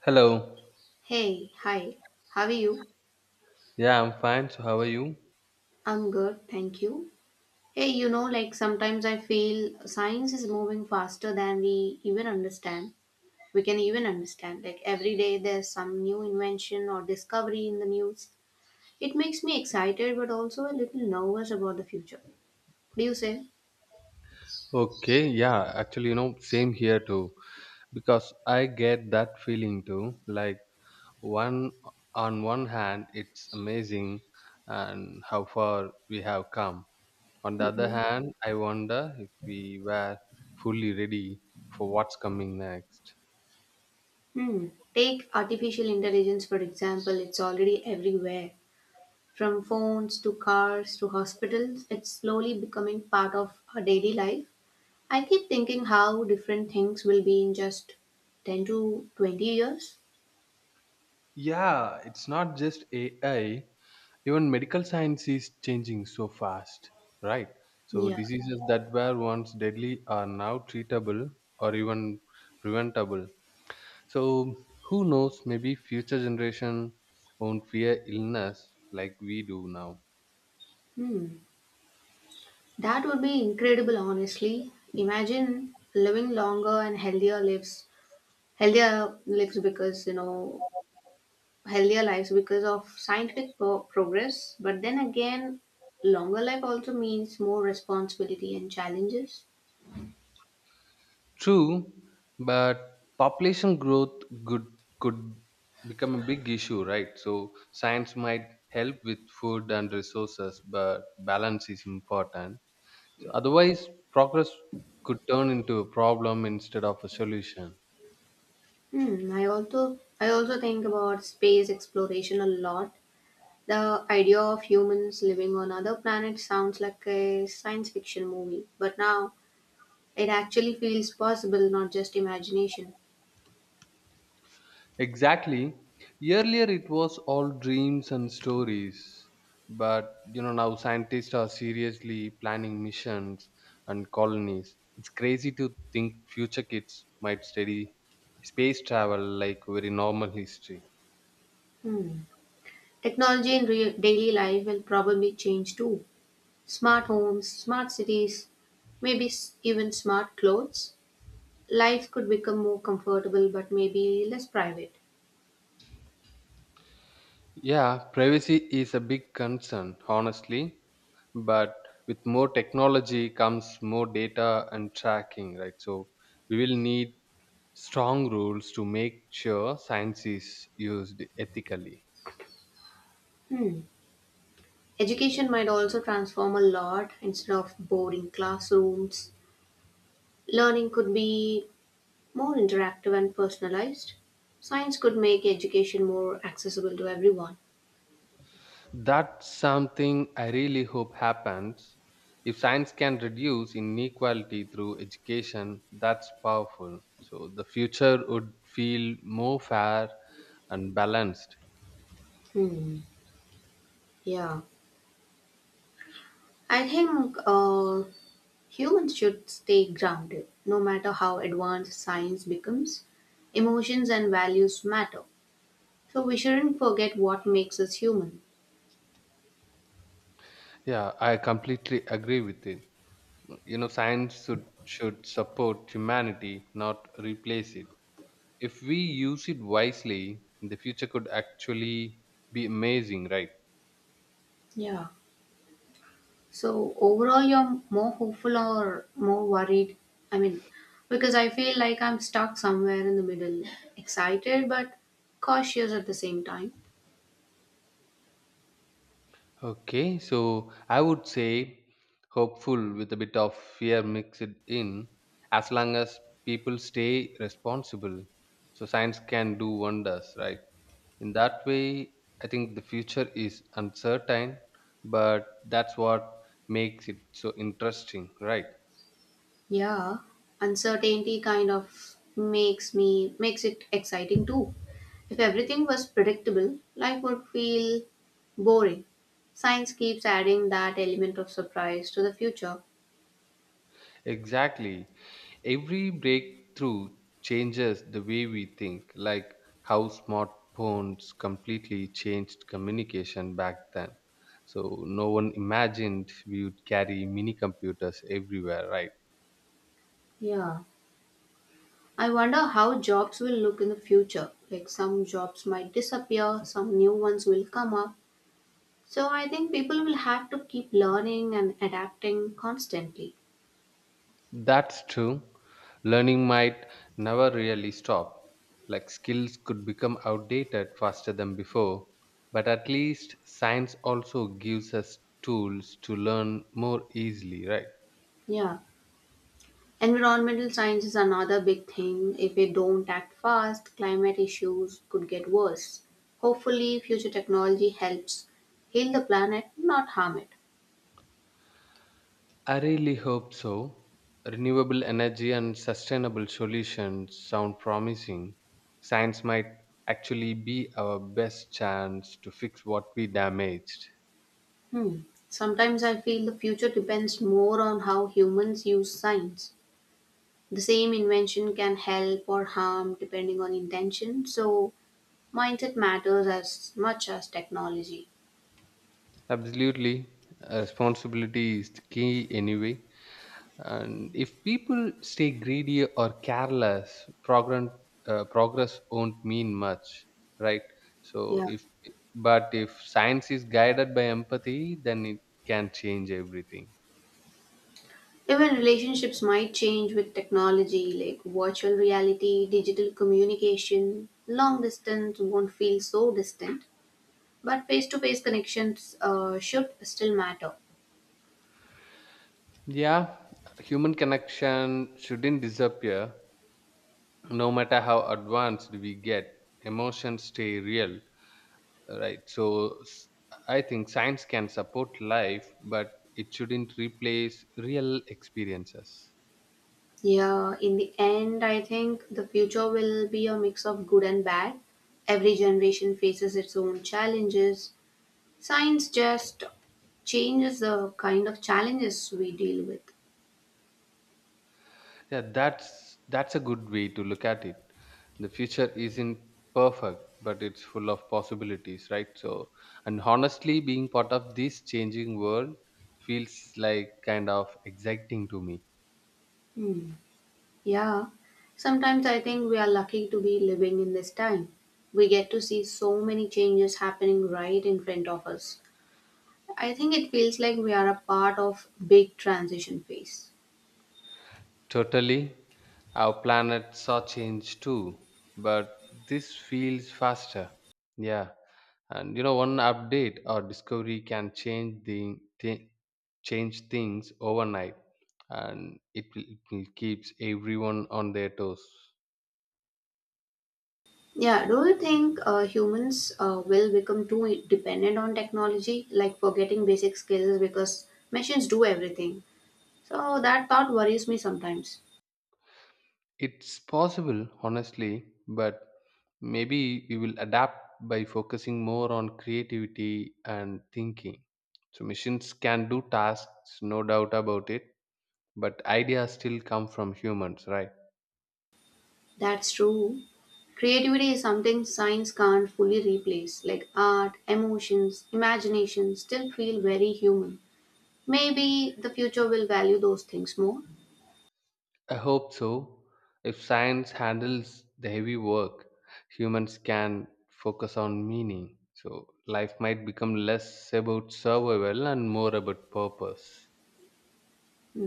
Hello. Hey, hi, how are you? Yeah, I'm fine. So, how are you? I'm good, thank you. Hey, like sometimes I feel science is moving faster than we even understand. We can even understand. Like every day there's some new invention or discovery in the news. It makes me excited but also a little nervous about the future. Do you say? Okay. Yeah, actually, same here too. Because I get that feeling too. Like, one on one hand, it's amazing and how far we have come. On the other Mhm. hand, I wonder if we were fully ready for what's coming next. Hmm. Take artificial intelligence, for example, it's already everywhere. From phones to cars to hospitals, it's slowly becoming part of our daily life. I keep thinking how different things will be in just 10 to 20 years. Yeah, it's not just AI. Even medical science is changing so fast, right? So Yeah. diseases that were once deadly are now treatable or even preventable. So who knows, maybe future generation won't fear illness like we do now. Hmm. That would be incredible, honestly. Imagine living longer and healthier lives, healthier lives because, you know, because of scientific progress. But then again, longer life also means more responsibility and challenges. True, but population growth could could become a big issue, right? So science might help with food and resources, but balance is important. So otherwise, progress could turn into a problem instead of a solution. Hmm. I also think about space exploration a lot. The idea of humans living on other planets sounds like a science fiction movie, but now it actually feels possible, not just imagination. Exactly. Earlier, it was all dreams and stories, but now scientists are seriously planning missions and colonies. It's crazy to think future kids might study space travel like very normal history. Hmm. Technology in real daily life will probably change too. Smart homes, smart cities, maybe even smart clothes. Life could become more comfortable but maybe less private. Yeah, privacy is a big concern, honestly. But with more technology comes more data and tracking, right? So we will need strong rules to make sure science is used ethically. Hmm. Education might also transform a lot instead of boring classrooms. Learning could be more interactive and personalized, science could make education more accessible to everyone. That's something I really hope happens. If science can reduce inequality through education, that's powerful. So the future would feel more fair and balanced. Hmm. Yeah. I think humans should stay grounded no matter how advanced science becomes. Emotions and values matter. So we shouldn't forget what makes us human. Yeah, I completely agree with it. You know, science should support humanity, not replace it. If we use it wisely, the future could actually be amazing, right? Yeah. So overall, you're more hopeful or more worried? I mean, because I feel like I'm stuck somewhere in the middle, excited but cautious at the same time. Okay, so I would say hopeful with a bit of fear mixed in. As long as people stay responsible, so science can do wonders, right? In that way, I think the future is uncertain, but that's what makes it so interesting, right? Yeah, uncertainty kind of makes it exciting too. If everything was predictable, life would feel boring. Science keeps adding that element of surprise to the future. Exactly. Every breakthrough changes the way we think, like how smartphones completely changed communication back then. So no one imagined we would carry mini computers everywhere, right? Yeah. I wonder how jobs will look in the future. Like some jobs might disappear, some new ones will come up. So I think people will have to keep learning and adapting constantly. That's true. Learning might never really stop. Like skills could become outdated faster than before, but at least science also gives us tools to learn more easily, right? Yeah. Environmental science is another big thing. If we don't act fast, climate issues could get worse. Hopefully, future technology helps heal the planet, not harm it. I really hope so. Renewable energy and sustainable solutions sound promising. Science might actually be our best chance to fix what we damaged. Hmm. Sometimes I feel the future depends more on how humans use science. The same invention can help or harm depending on intention, so mindset matters as much as technology. Absolutely. Responsibility is the key anyway. And if people stay greedy or careless, progress won't mean much, right? So Yeah. if but if science is guided by empathy, then it can change everything. Even relationships might change with technology like virtual reality, digital communication. Long distance won't feel so distant, but face to face connections should still matter. Yeah, human connection shouldn't disappear no matter how advanced we get. Emotions stay real, right? So I think science can support life, but it shouldn't replace real experiences. Yeah, in the end, I think the future will be a mix of good and bad. Every generation faces its own challenges. Science just changes the kind of challenges we deal with. Yeah, that's a good way to look at it. The future isn't perfect, but it's full of possibilities, right? So, and honestly, being part of this changing world feels like kind of exciting to me. Hmm. Yeah, sometimes I think we are lucky to be living in this time. We get to see so many changes happening right in front of us. I think it feels like we are a part of big transition phase. Totally. Our planets are changed too, but this feels faster. Yeah. And one update or discovery can change things overnight, and it will keeps everyone on their toes. Yeah, do you think humans will become too dependent on technology, like forgetting basic skills because machines do everything? So that thought worries me sometimes. It's possible, honestly, but maybe we will adapt by focusing more on creativity and thinking. So missions can do tasks, no doubt about it, but ideas still come from humans, right? That's true. Creativity is something science can't fully replace, like art, emotions, imagination still feel very human. Maybe the future will value those things more. I hope so. If science handles the heavy work, humans can focus on meaning. So life might become less about survival and more about purpose.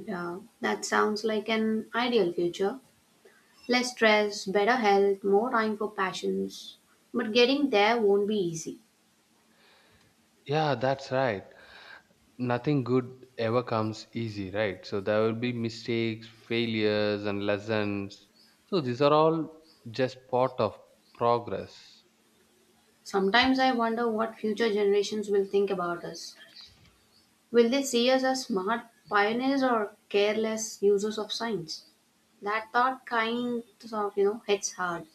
Yeah, that sounds like an ideal future. Less stress, better health, more time for passions. But getting there won't be easy. Yeah, that's right. Nothing good ever comes easy, right? So there will be mistakes, failures, and lessons. So these are all just part of progress. Sometimes I wonder what future generations will think about us. Will they see us as smart pioneers or careless users of science? That thought kind of hits hard.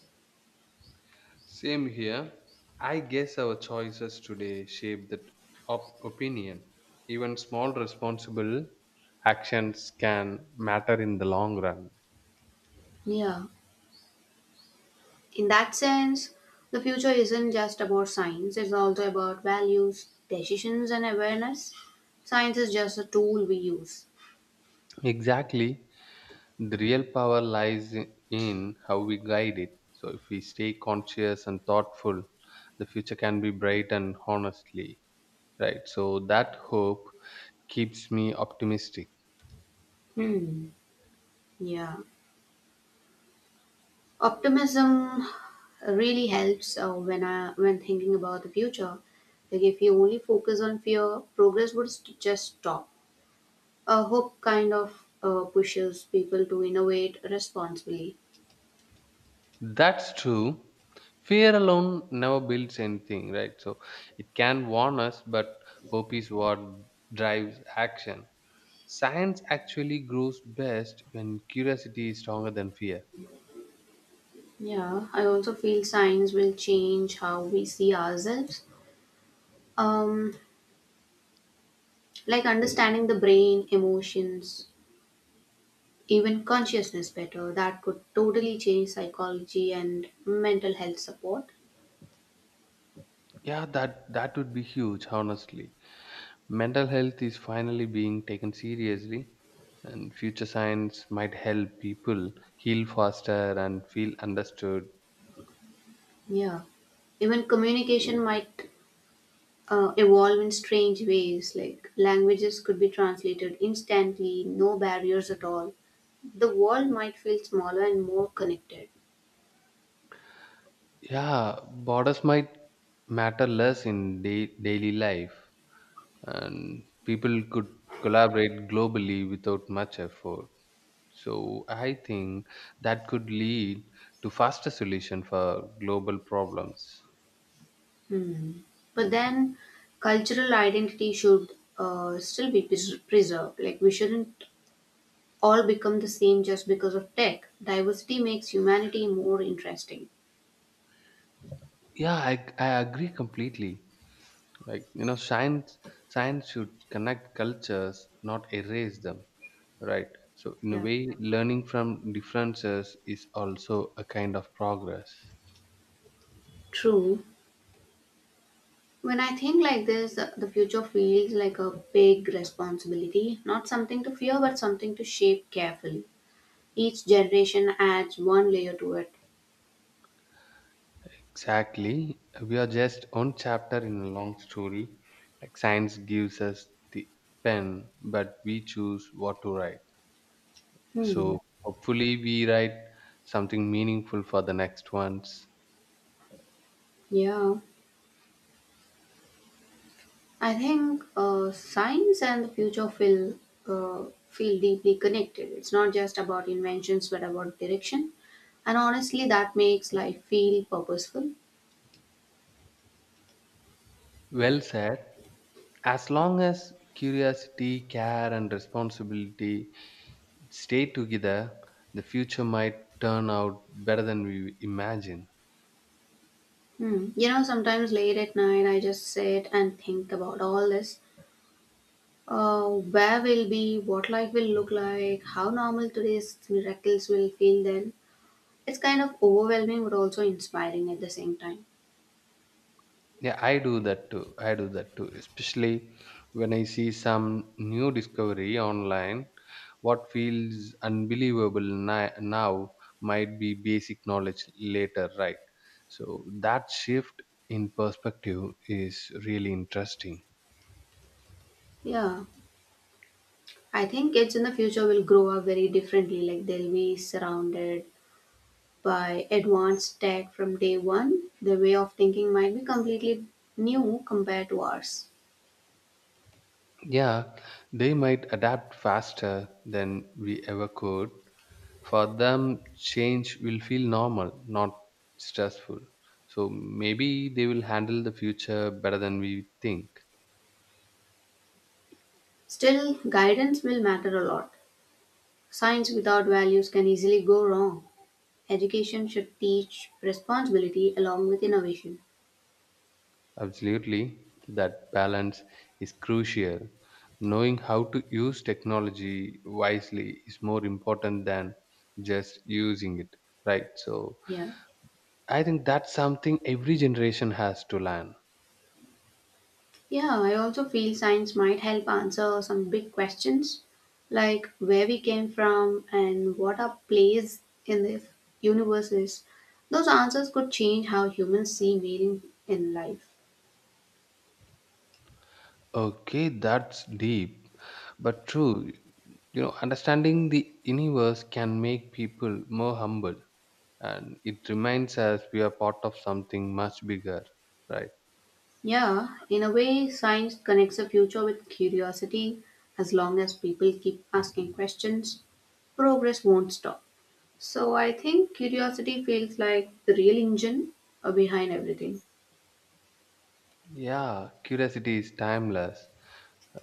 Same here. I guess our choices today shape that opinion. Even small responsible actions can matter in the long run. Yeah. In that sense, the future isn't just about science, it's also about values, decisions, and awareness. Science is just a tool we use. Exactly. The real power lies in how we guide it. So if we stay conscious and thoughtful, the future can be bright and honestly, right? So that hope keeps me optimistic. Hmm. Yeah. Optimism really helps when thinking about the future. Like if you only focus on fear, progress would just stop. Hope kind of pushes people to innovate responsibly. That's true. Fear alone never builds anything, right? So it can warn us, but hope is what drives action. Science actually grows best when curiosity is stronger than fear. Yeah, I also feel science will change how we see ourselves. Um, like understanding the brain, emotions, even consciousness better, that could totally change psychology and mental health support. Yeah, that would be huge, honestly. Mental health is finally being taken seriously, and future science might help people heal faster and feel understood. Yeah. Even communication might evolve in strange ways, like languages could be translated instantly, no barriers at all. The world might feel smaller and more connected. Yeah, borders might matter less in daily life, and people could collaborate globally without much effort. So I think that could lead to faster solution for global problems. Hmm. But then, cultural identity should still be preserved. Like, we shouldn't all become the same just because of tech. Diversity makes humanity more interesting. Yeah, I agree completely. Like science should connect cultures, not erase them. Right. So in a Yeah. way, learning from differences is also a kind of progress. True. When I think like this, the future feels like a big responsibility, not something to fear, but something to shape carefully. Each generation adds one layer to it. Exactly. We are just one chapter in a long story. Like science gives us the pen, but we choose what to write. So hopefully we write something meaningful for the next ones. Yeah, I think science and the future uh, feel deeply connected. It's not just about inventions, but about direction. And honestly, that makes life feel purposeful. Well said. As long as curiosity, care and responsibility stay together, the future might turn out better than we imagine. Hmm. Sometimes late at night, I just sit and think about all this. Where we'll be, what life will look like, how normal today's miracles will feel then. It's kind of overwhelming but also inspiring at the same time. Yeah, I do that too, especially when I see some new discovery online. What feels unbelievable now might be basic knowledge later, right? So that shift in perspective is really interesting. Yeah, I think kids in the future will grow up very differently. Like they'll be surrounded by advanced tech from day one. Their way of thinking might be completely new compared to ours. Yeah, they might adapt faster than we ever could. For them, change will feel normal, not stressful. So maybe they will handle the future better than we think. Still, guidance will matter a lot. Science without values can easily go wrong. Education should teach responsibility along with innovation. Absolutely, that balance is crucial. Knowing how to use technology wisely is more important than just using it, right? So Yeah. I think that's something every generation has to learn. Yeah, I also feel science might help answer some big questions like where we came from and what our place in the universe is. Those answers could change how humans see meaning in life. Okay, that's deep, but true. Understanding the universe can make people more humble, and it reminds us we are part of something much bigger, right? Yeah, in a way, science connects the future with curiosity. As long as people keep asking questions, progress won't stop. So I think curiosity feels like the real engine behind everything. Yeah, curiosity is timeless,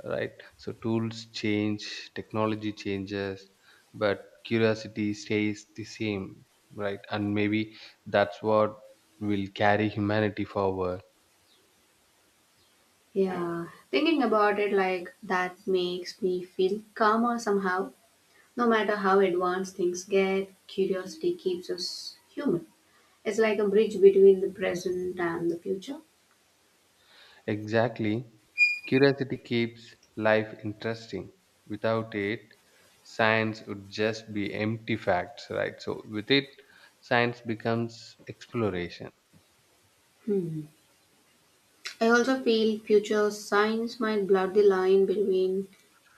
right? So tools change, technology changes, but curiosity stays the same, right? And maybe that's what will carry humanity forward. Yeah, thinking about it like that makes me feel calmer somehow. No matter how advanced things get, curiosity keeps us human. It's like a bridge between the present and the future. Exactly. Curiosity keeps life interesting. Without it, science would just be empty facts, right? So, with it, science becomes exploration. Hmm. I also feel future science might blur the line between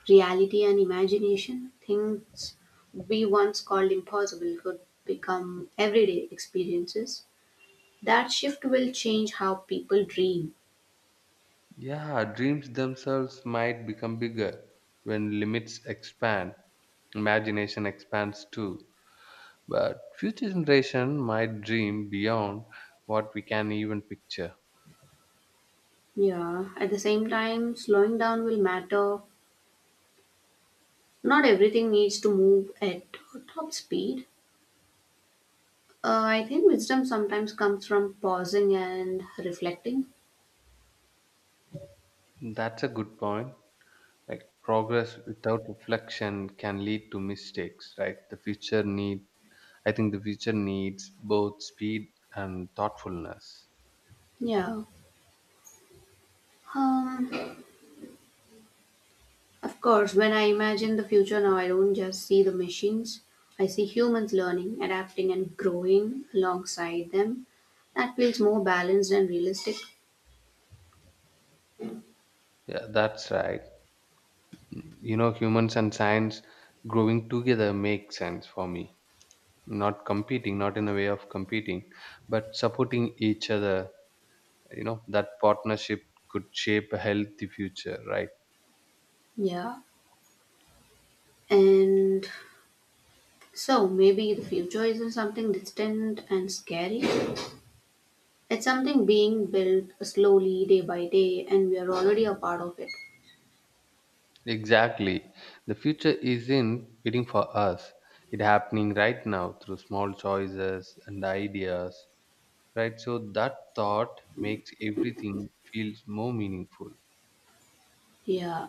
reality and imagination. Things we once called impossible could become everyday experiences. That shift will change how people dream. Yeah, dreams themselves might become bigger. When limits expand, imagination expands too. But future generation might dream beyond what we can even picture. Yeah, at the same time, slowing down will matter. Not everything needs to move at top speed. I think wisdom sometimes comes from pausing and reflecting. That's a good point. Like progress without reflection can lead to mistakes, right? I think the future needs both speed and thoughtfulness. Yeah. Um, of course, when I imagine the future now, I don't just see the machines. I see humans learning, adapting, and growing alongside them. That feels more balanced and realistic. Yeah, that's right. Humans and science growing together makes sense for me. Not competing, not in a way of competing, but supporting each other. That partnership could shape a healthy future, right? Yeah. And so maybe the future isn't something distant and scary. It's something being built slowly day by day and we are already a part of it. Exactly. The future isn't waiting for us. It's happening right now through small choices and ideas, right? So that thought makes everything feels more meaningful. Yeah.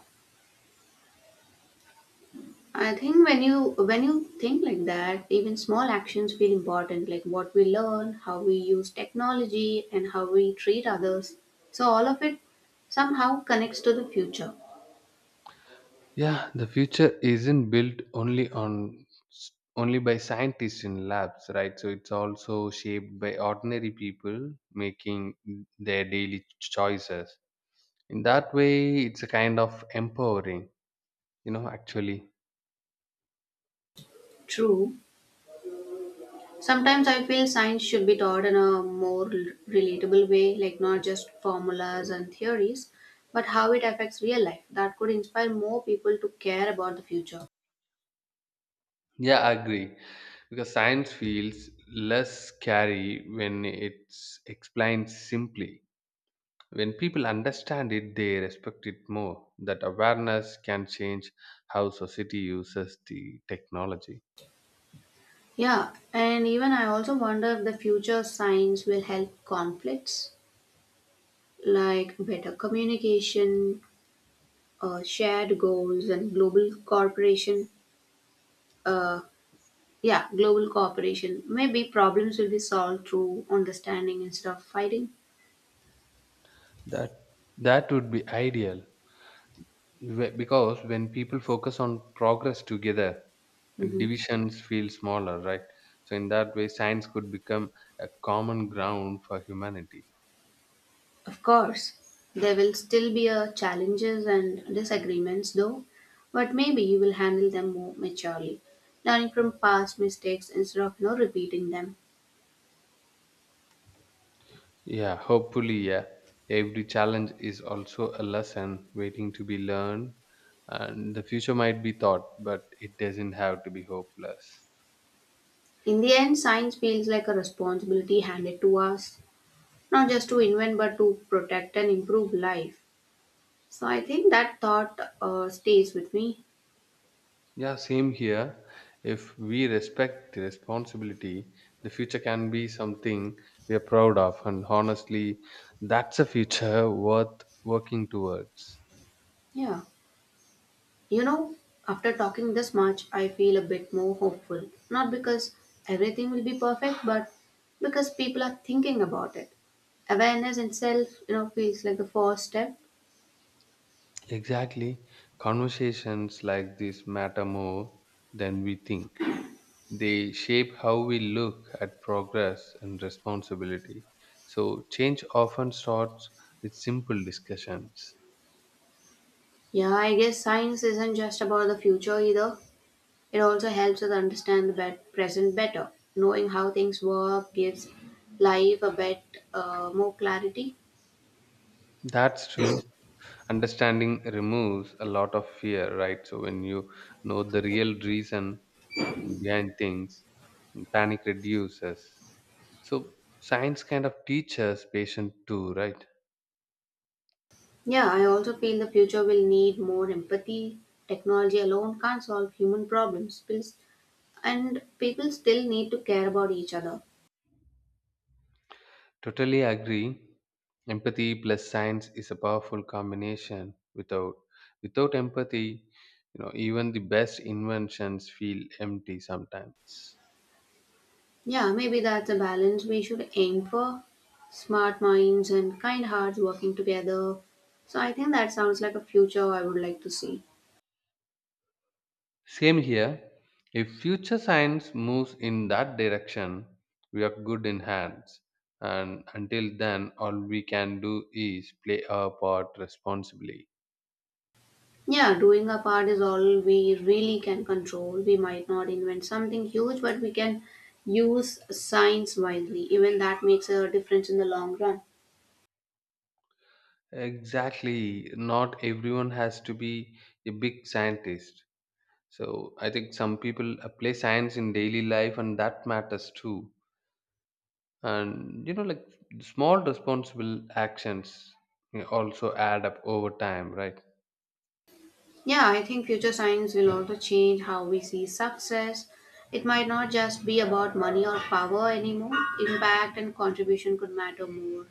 I think when you think like that, even small actions feel important, like what we learn, how we use technology and how we treat others. So all of it somehow connects to the future. Yeah, the future isn't built only by scientists in labs, right? So it's also shaped by ordinary people making their daily choices. In that way, it's a kind of empowering, actually. True. Sometimes I feel science should be taught in a more relatable way, like not just formulas and theories, but how it affects real life. That could inspire more people to care about the future. Yeah, I agree. Because science feels less scary when it's explained simply. When people understand it, they respect it more. That awareness can change how society uses the technology. Yeah, and even I also wonder if the future science will help conflicts, like better communication, shared goals, and global cooperation. Uh, yeah, global cooperation. Maybe problems will be solved through understanding instead of fighting. That that would be ideal, because when people focus on progress together, Mhm. divisions feel smaller, right? So in that way, science could become a common ground for humanity. Of course, there will still be challenges and disagreements though, but maybe you will handle them more maturely, learning from past mistakes instead of repeating them. Yeah, hopefully, yeah. Every challenge is also a lesson waiting to be learned, and the future might be thought, but it doesn't have to be hopeless. In the end, science feels like a responsibility handed to us, not just to invent but to protect and improve life. So I think that thought stays with me. Yeah, same here. If we respect the responsibility, the future can be something we are proud of, and honestly, that's a future worth working towards. Yeah. You know, after talking this much, I feel a bit more hopeful. Not because everything will be perfect, but because people are thinking about it. Awareness itself feels like the first step. Exactly. Conversations like this matter more than we think. They shape how we look at progress and responsibility. So, change often starts with simple discussions. Yeah, I guess science isn't just about the future either. It also helps us understand the present better. Knowing how things work gives life a bit more clarity. That's true. Understanding removes a lot of fear, right? So, when you know the real reason behind things, panic reduces. So, science kind of teaches patient too, right? Yeah, I also feel the future will need more empathy. Technology alone can't solve human problems, and people still need to care about each other. Totally agree. Empathy plus science is a powerful combination. Without empathy, even the best inventions feel empty sometimes. Yeah, maybe that's a balance we should aim for. Smart minds and kind hearts working together. So I think that sounds like a future I would like to see. Same here. If future science moves in that direction, we are good in hands. And until then, all we can do is play our part responsibly. Yeah, doing our part is all we really can control. We might not invent something huge, but we can use science wisely. Even that makes a difference in the long run. Exactly. Not everyone has to be a big scientist. So I think some people apply science in daily life, and that matters too. And like small responsible actions also add up over time, right? Yeah, I think future science will also change how we see success. It might not just be about money or power anymore. Impact and contribution could matter more.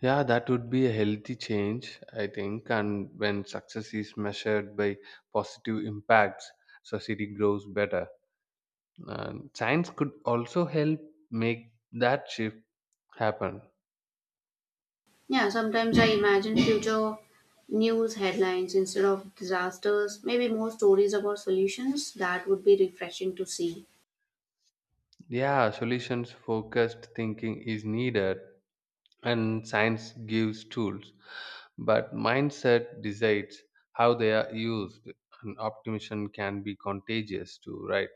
Yeah, that would be a healthy change, I think. And when success is measured by positive impacts, society grows better. And science could also help make that shift happen. Yeah, sometimes I imagine future news headlines instead of disasters, maybe more stories about solutions. That would be refreshing to see. Yeah, solutions focused thinking is needed, and science gives tools, but mindset decides how they are used, and optimism can be contagious too, right?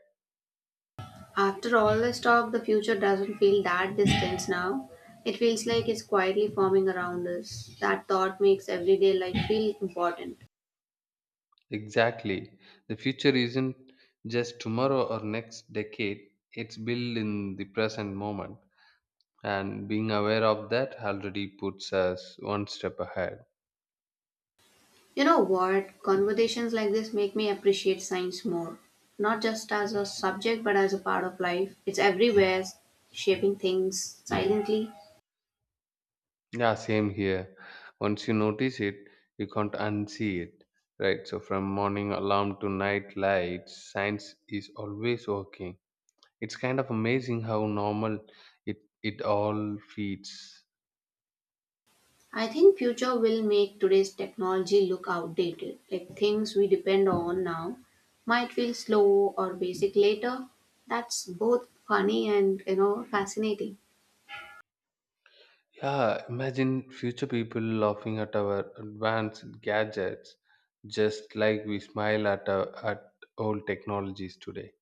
After all this talk, the future doesn't feel that distant now. It feels like it's quietly forming around us. That thought makes everyday life feel important. Exactly. The future isn't just tomorrow or next decade, it's built in the present moment, and being aware of that already puts us one step ahead. You know what? Conversations like this make me appreciate science more. Not just as a subject, but as a part of life. It's everywhere, shaping things silently. Yeah, same here. Once you notice it, you can't unsee it, right? So from morning alarm to night lights, science is always working. It's kind of amazing how normal it all feeds. I think future will make today's technology look outdated. Like things we depend on now might feel slow or basic later. That's both funny and fascinating. Yeah, imagine future people laughing at our advanced gadgets, just like we smile at old technologies today.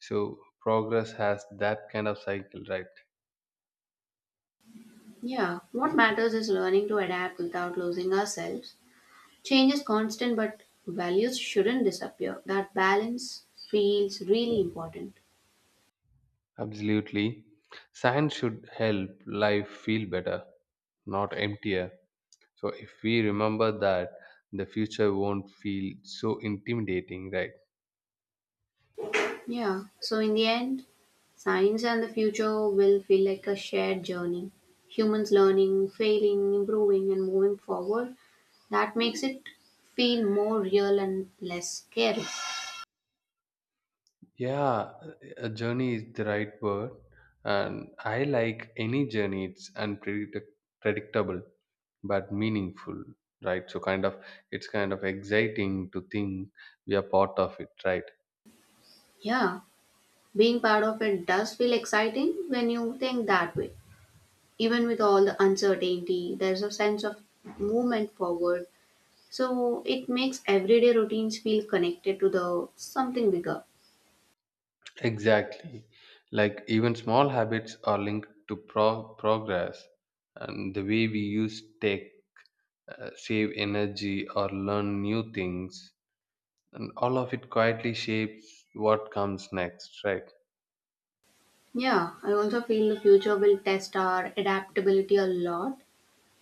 So progress has that kind of cycle, right? Yeah, what matters is learning to adapt without losing ourselves. Change is constant, but values shouldn't disappear. That balance feels really important. Absolutely. Science should help life feel better, not emptier. So if we remember that, the future won't feel so intimidating, right? Yeah, so in the end, science and the future will feel like a shared journey. Humans learning, failing, improving, and moving forward. That makes it feel more real and less scary. Yeah, a journey is the right word, and I like any journey. It's predictable but meaningful, right? So it's kind of exciting to think we are part of it, right? Yeah, being part of it does feel exciting when you think that way. Even with all the uncertainty, there's a sense of movement forward. So it makes everyday routines feel connected to the something bigger. Exactly. Like even small habits are linked to progress, and the way we use tech, save energy, or learn new things, and all of it quietly shapes what comes next, right? Yeah, I also feel the future will test our adaptability a lot.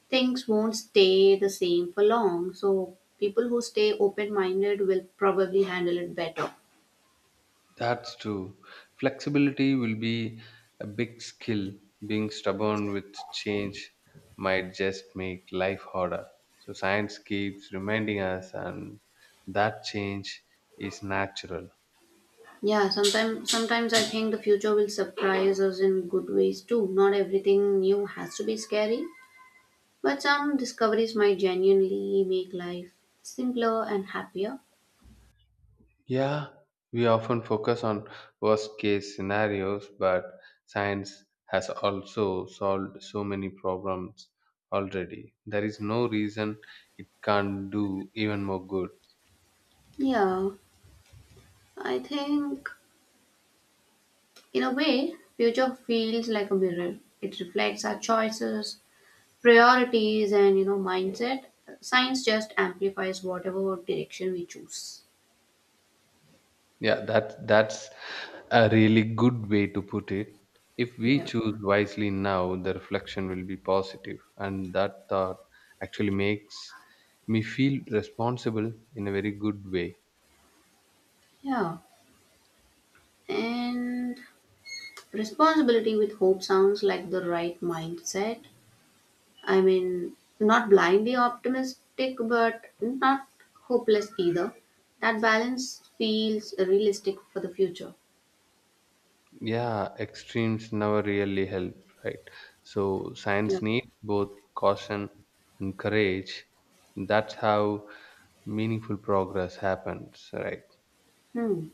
Things won't stay the same for long, so people who stay open-minded will probably handle it better. That's true. Flexibility will be a big skill. Being stubborn with change might just make life harder. So science keeps reminding us and that change is natural. Yeah, sometimes I think the future will surprise us in good ways too. Not everything new has to be scary, but some discoveries might genuinely make life simpler and happier. Yeah, we often focus on worst case scenarios, but science has also solved so many problems already. There is no reason it can't do even more good. Yeah, I think in a way, future feels like a mirror. It reflects our choices, priorities, and mindset. Science just amplifies whatever direction we choose. Yeah, that's a really good way to put it. If we Yeah, choose wisely now, the reflection will be positive, and that thought actually makes me feel responsible in a very good way. yeah. And responsibility with hope sounds like the right mindset. I mean, not blindly optimistic, but not hopeless either. That balance feels realistic for the future. Yeah, extremes never really help, right? So Yeah. science needs both caution and courage. That's how meaningful progress happens, right? Hmm.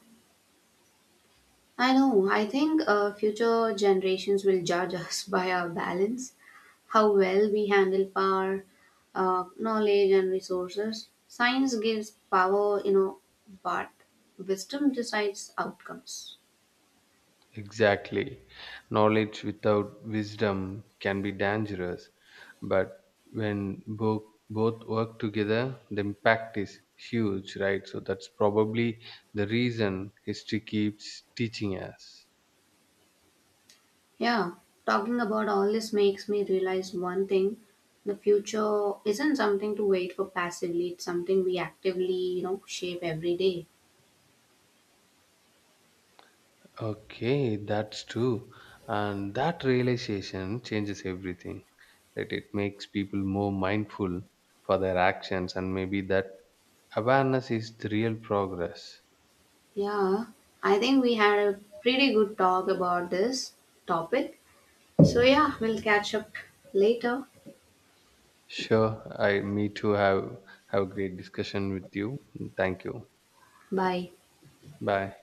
I know. I think future generations will judge us by our balance, how well we handle power, knowledge, and resources. Science gives power, but wisdom decides outcomes. Exactly. Knowledge without wisdom can be dangerous, but when both work together, the impact is huge, right? So that's probably the reason history keeps teaching us. Yeah, talking about all this makes me realize one thing the future isn't something to wait for passively, it's something we actively shape every day. Okay, that's true. And that realization changes everything. That it makes people more mindful for their actions, and maybe that awareness is the real progress. Yeah, I think we had a pretty good talk about this topic. So, yeah, we'll catch up later. Sure, I me too have a great discussion with you. Thank you. Bye. Bye.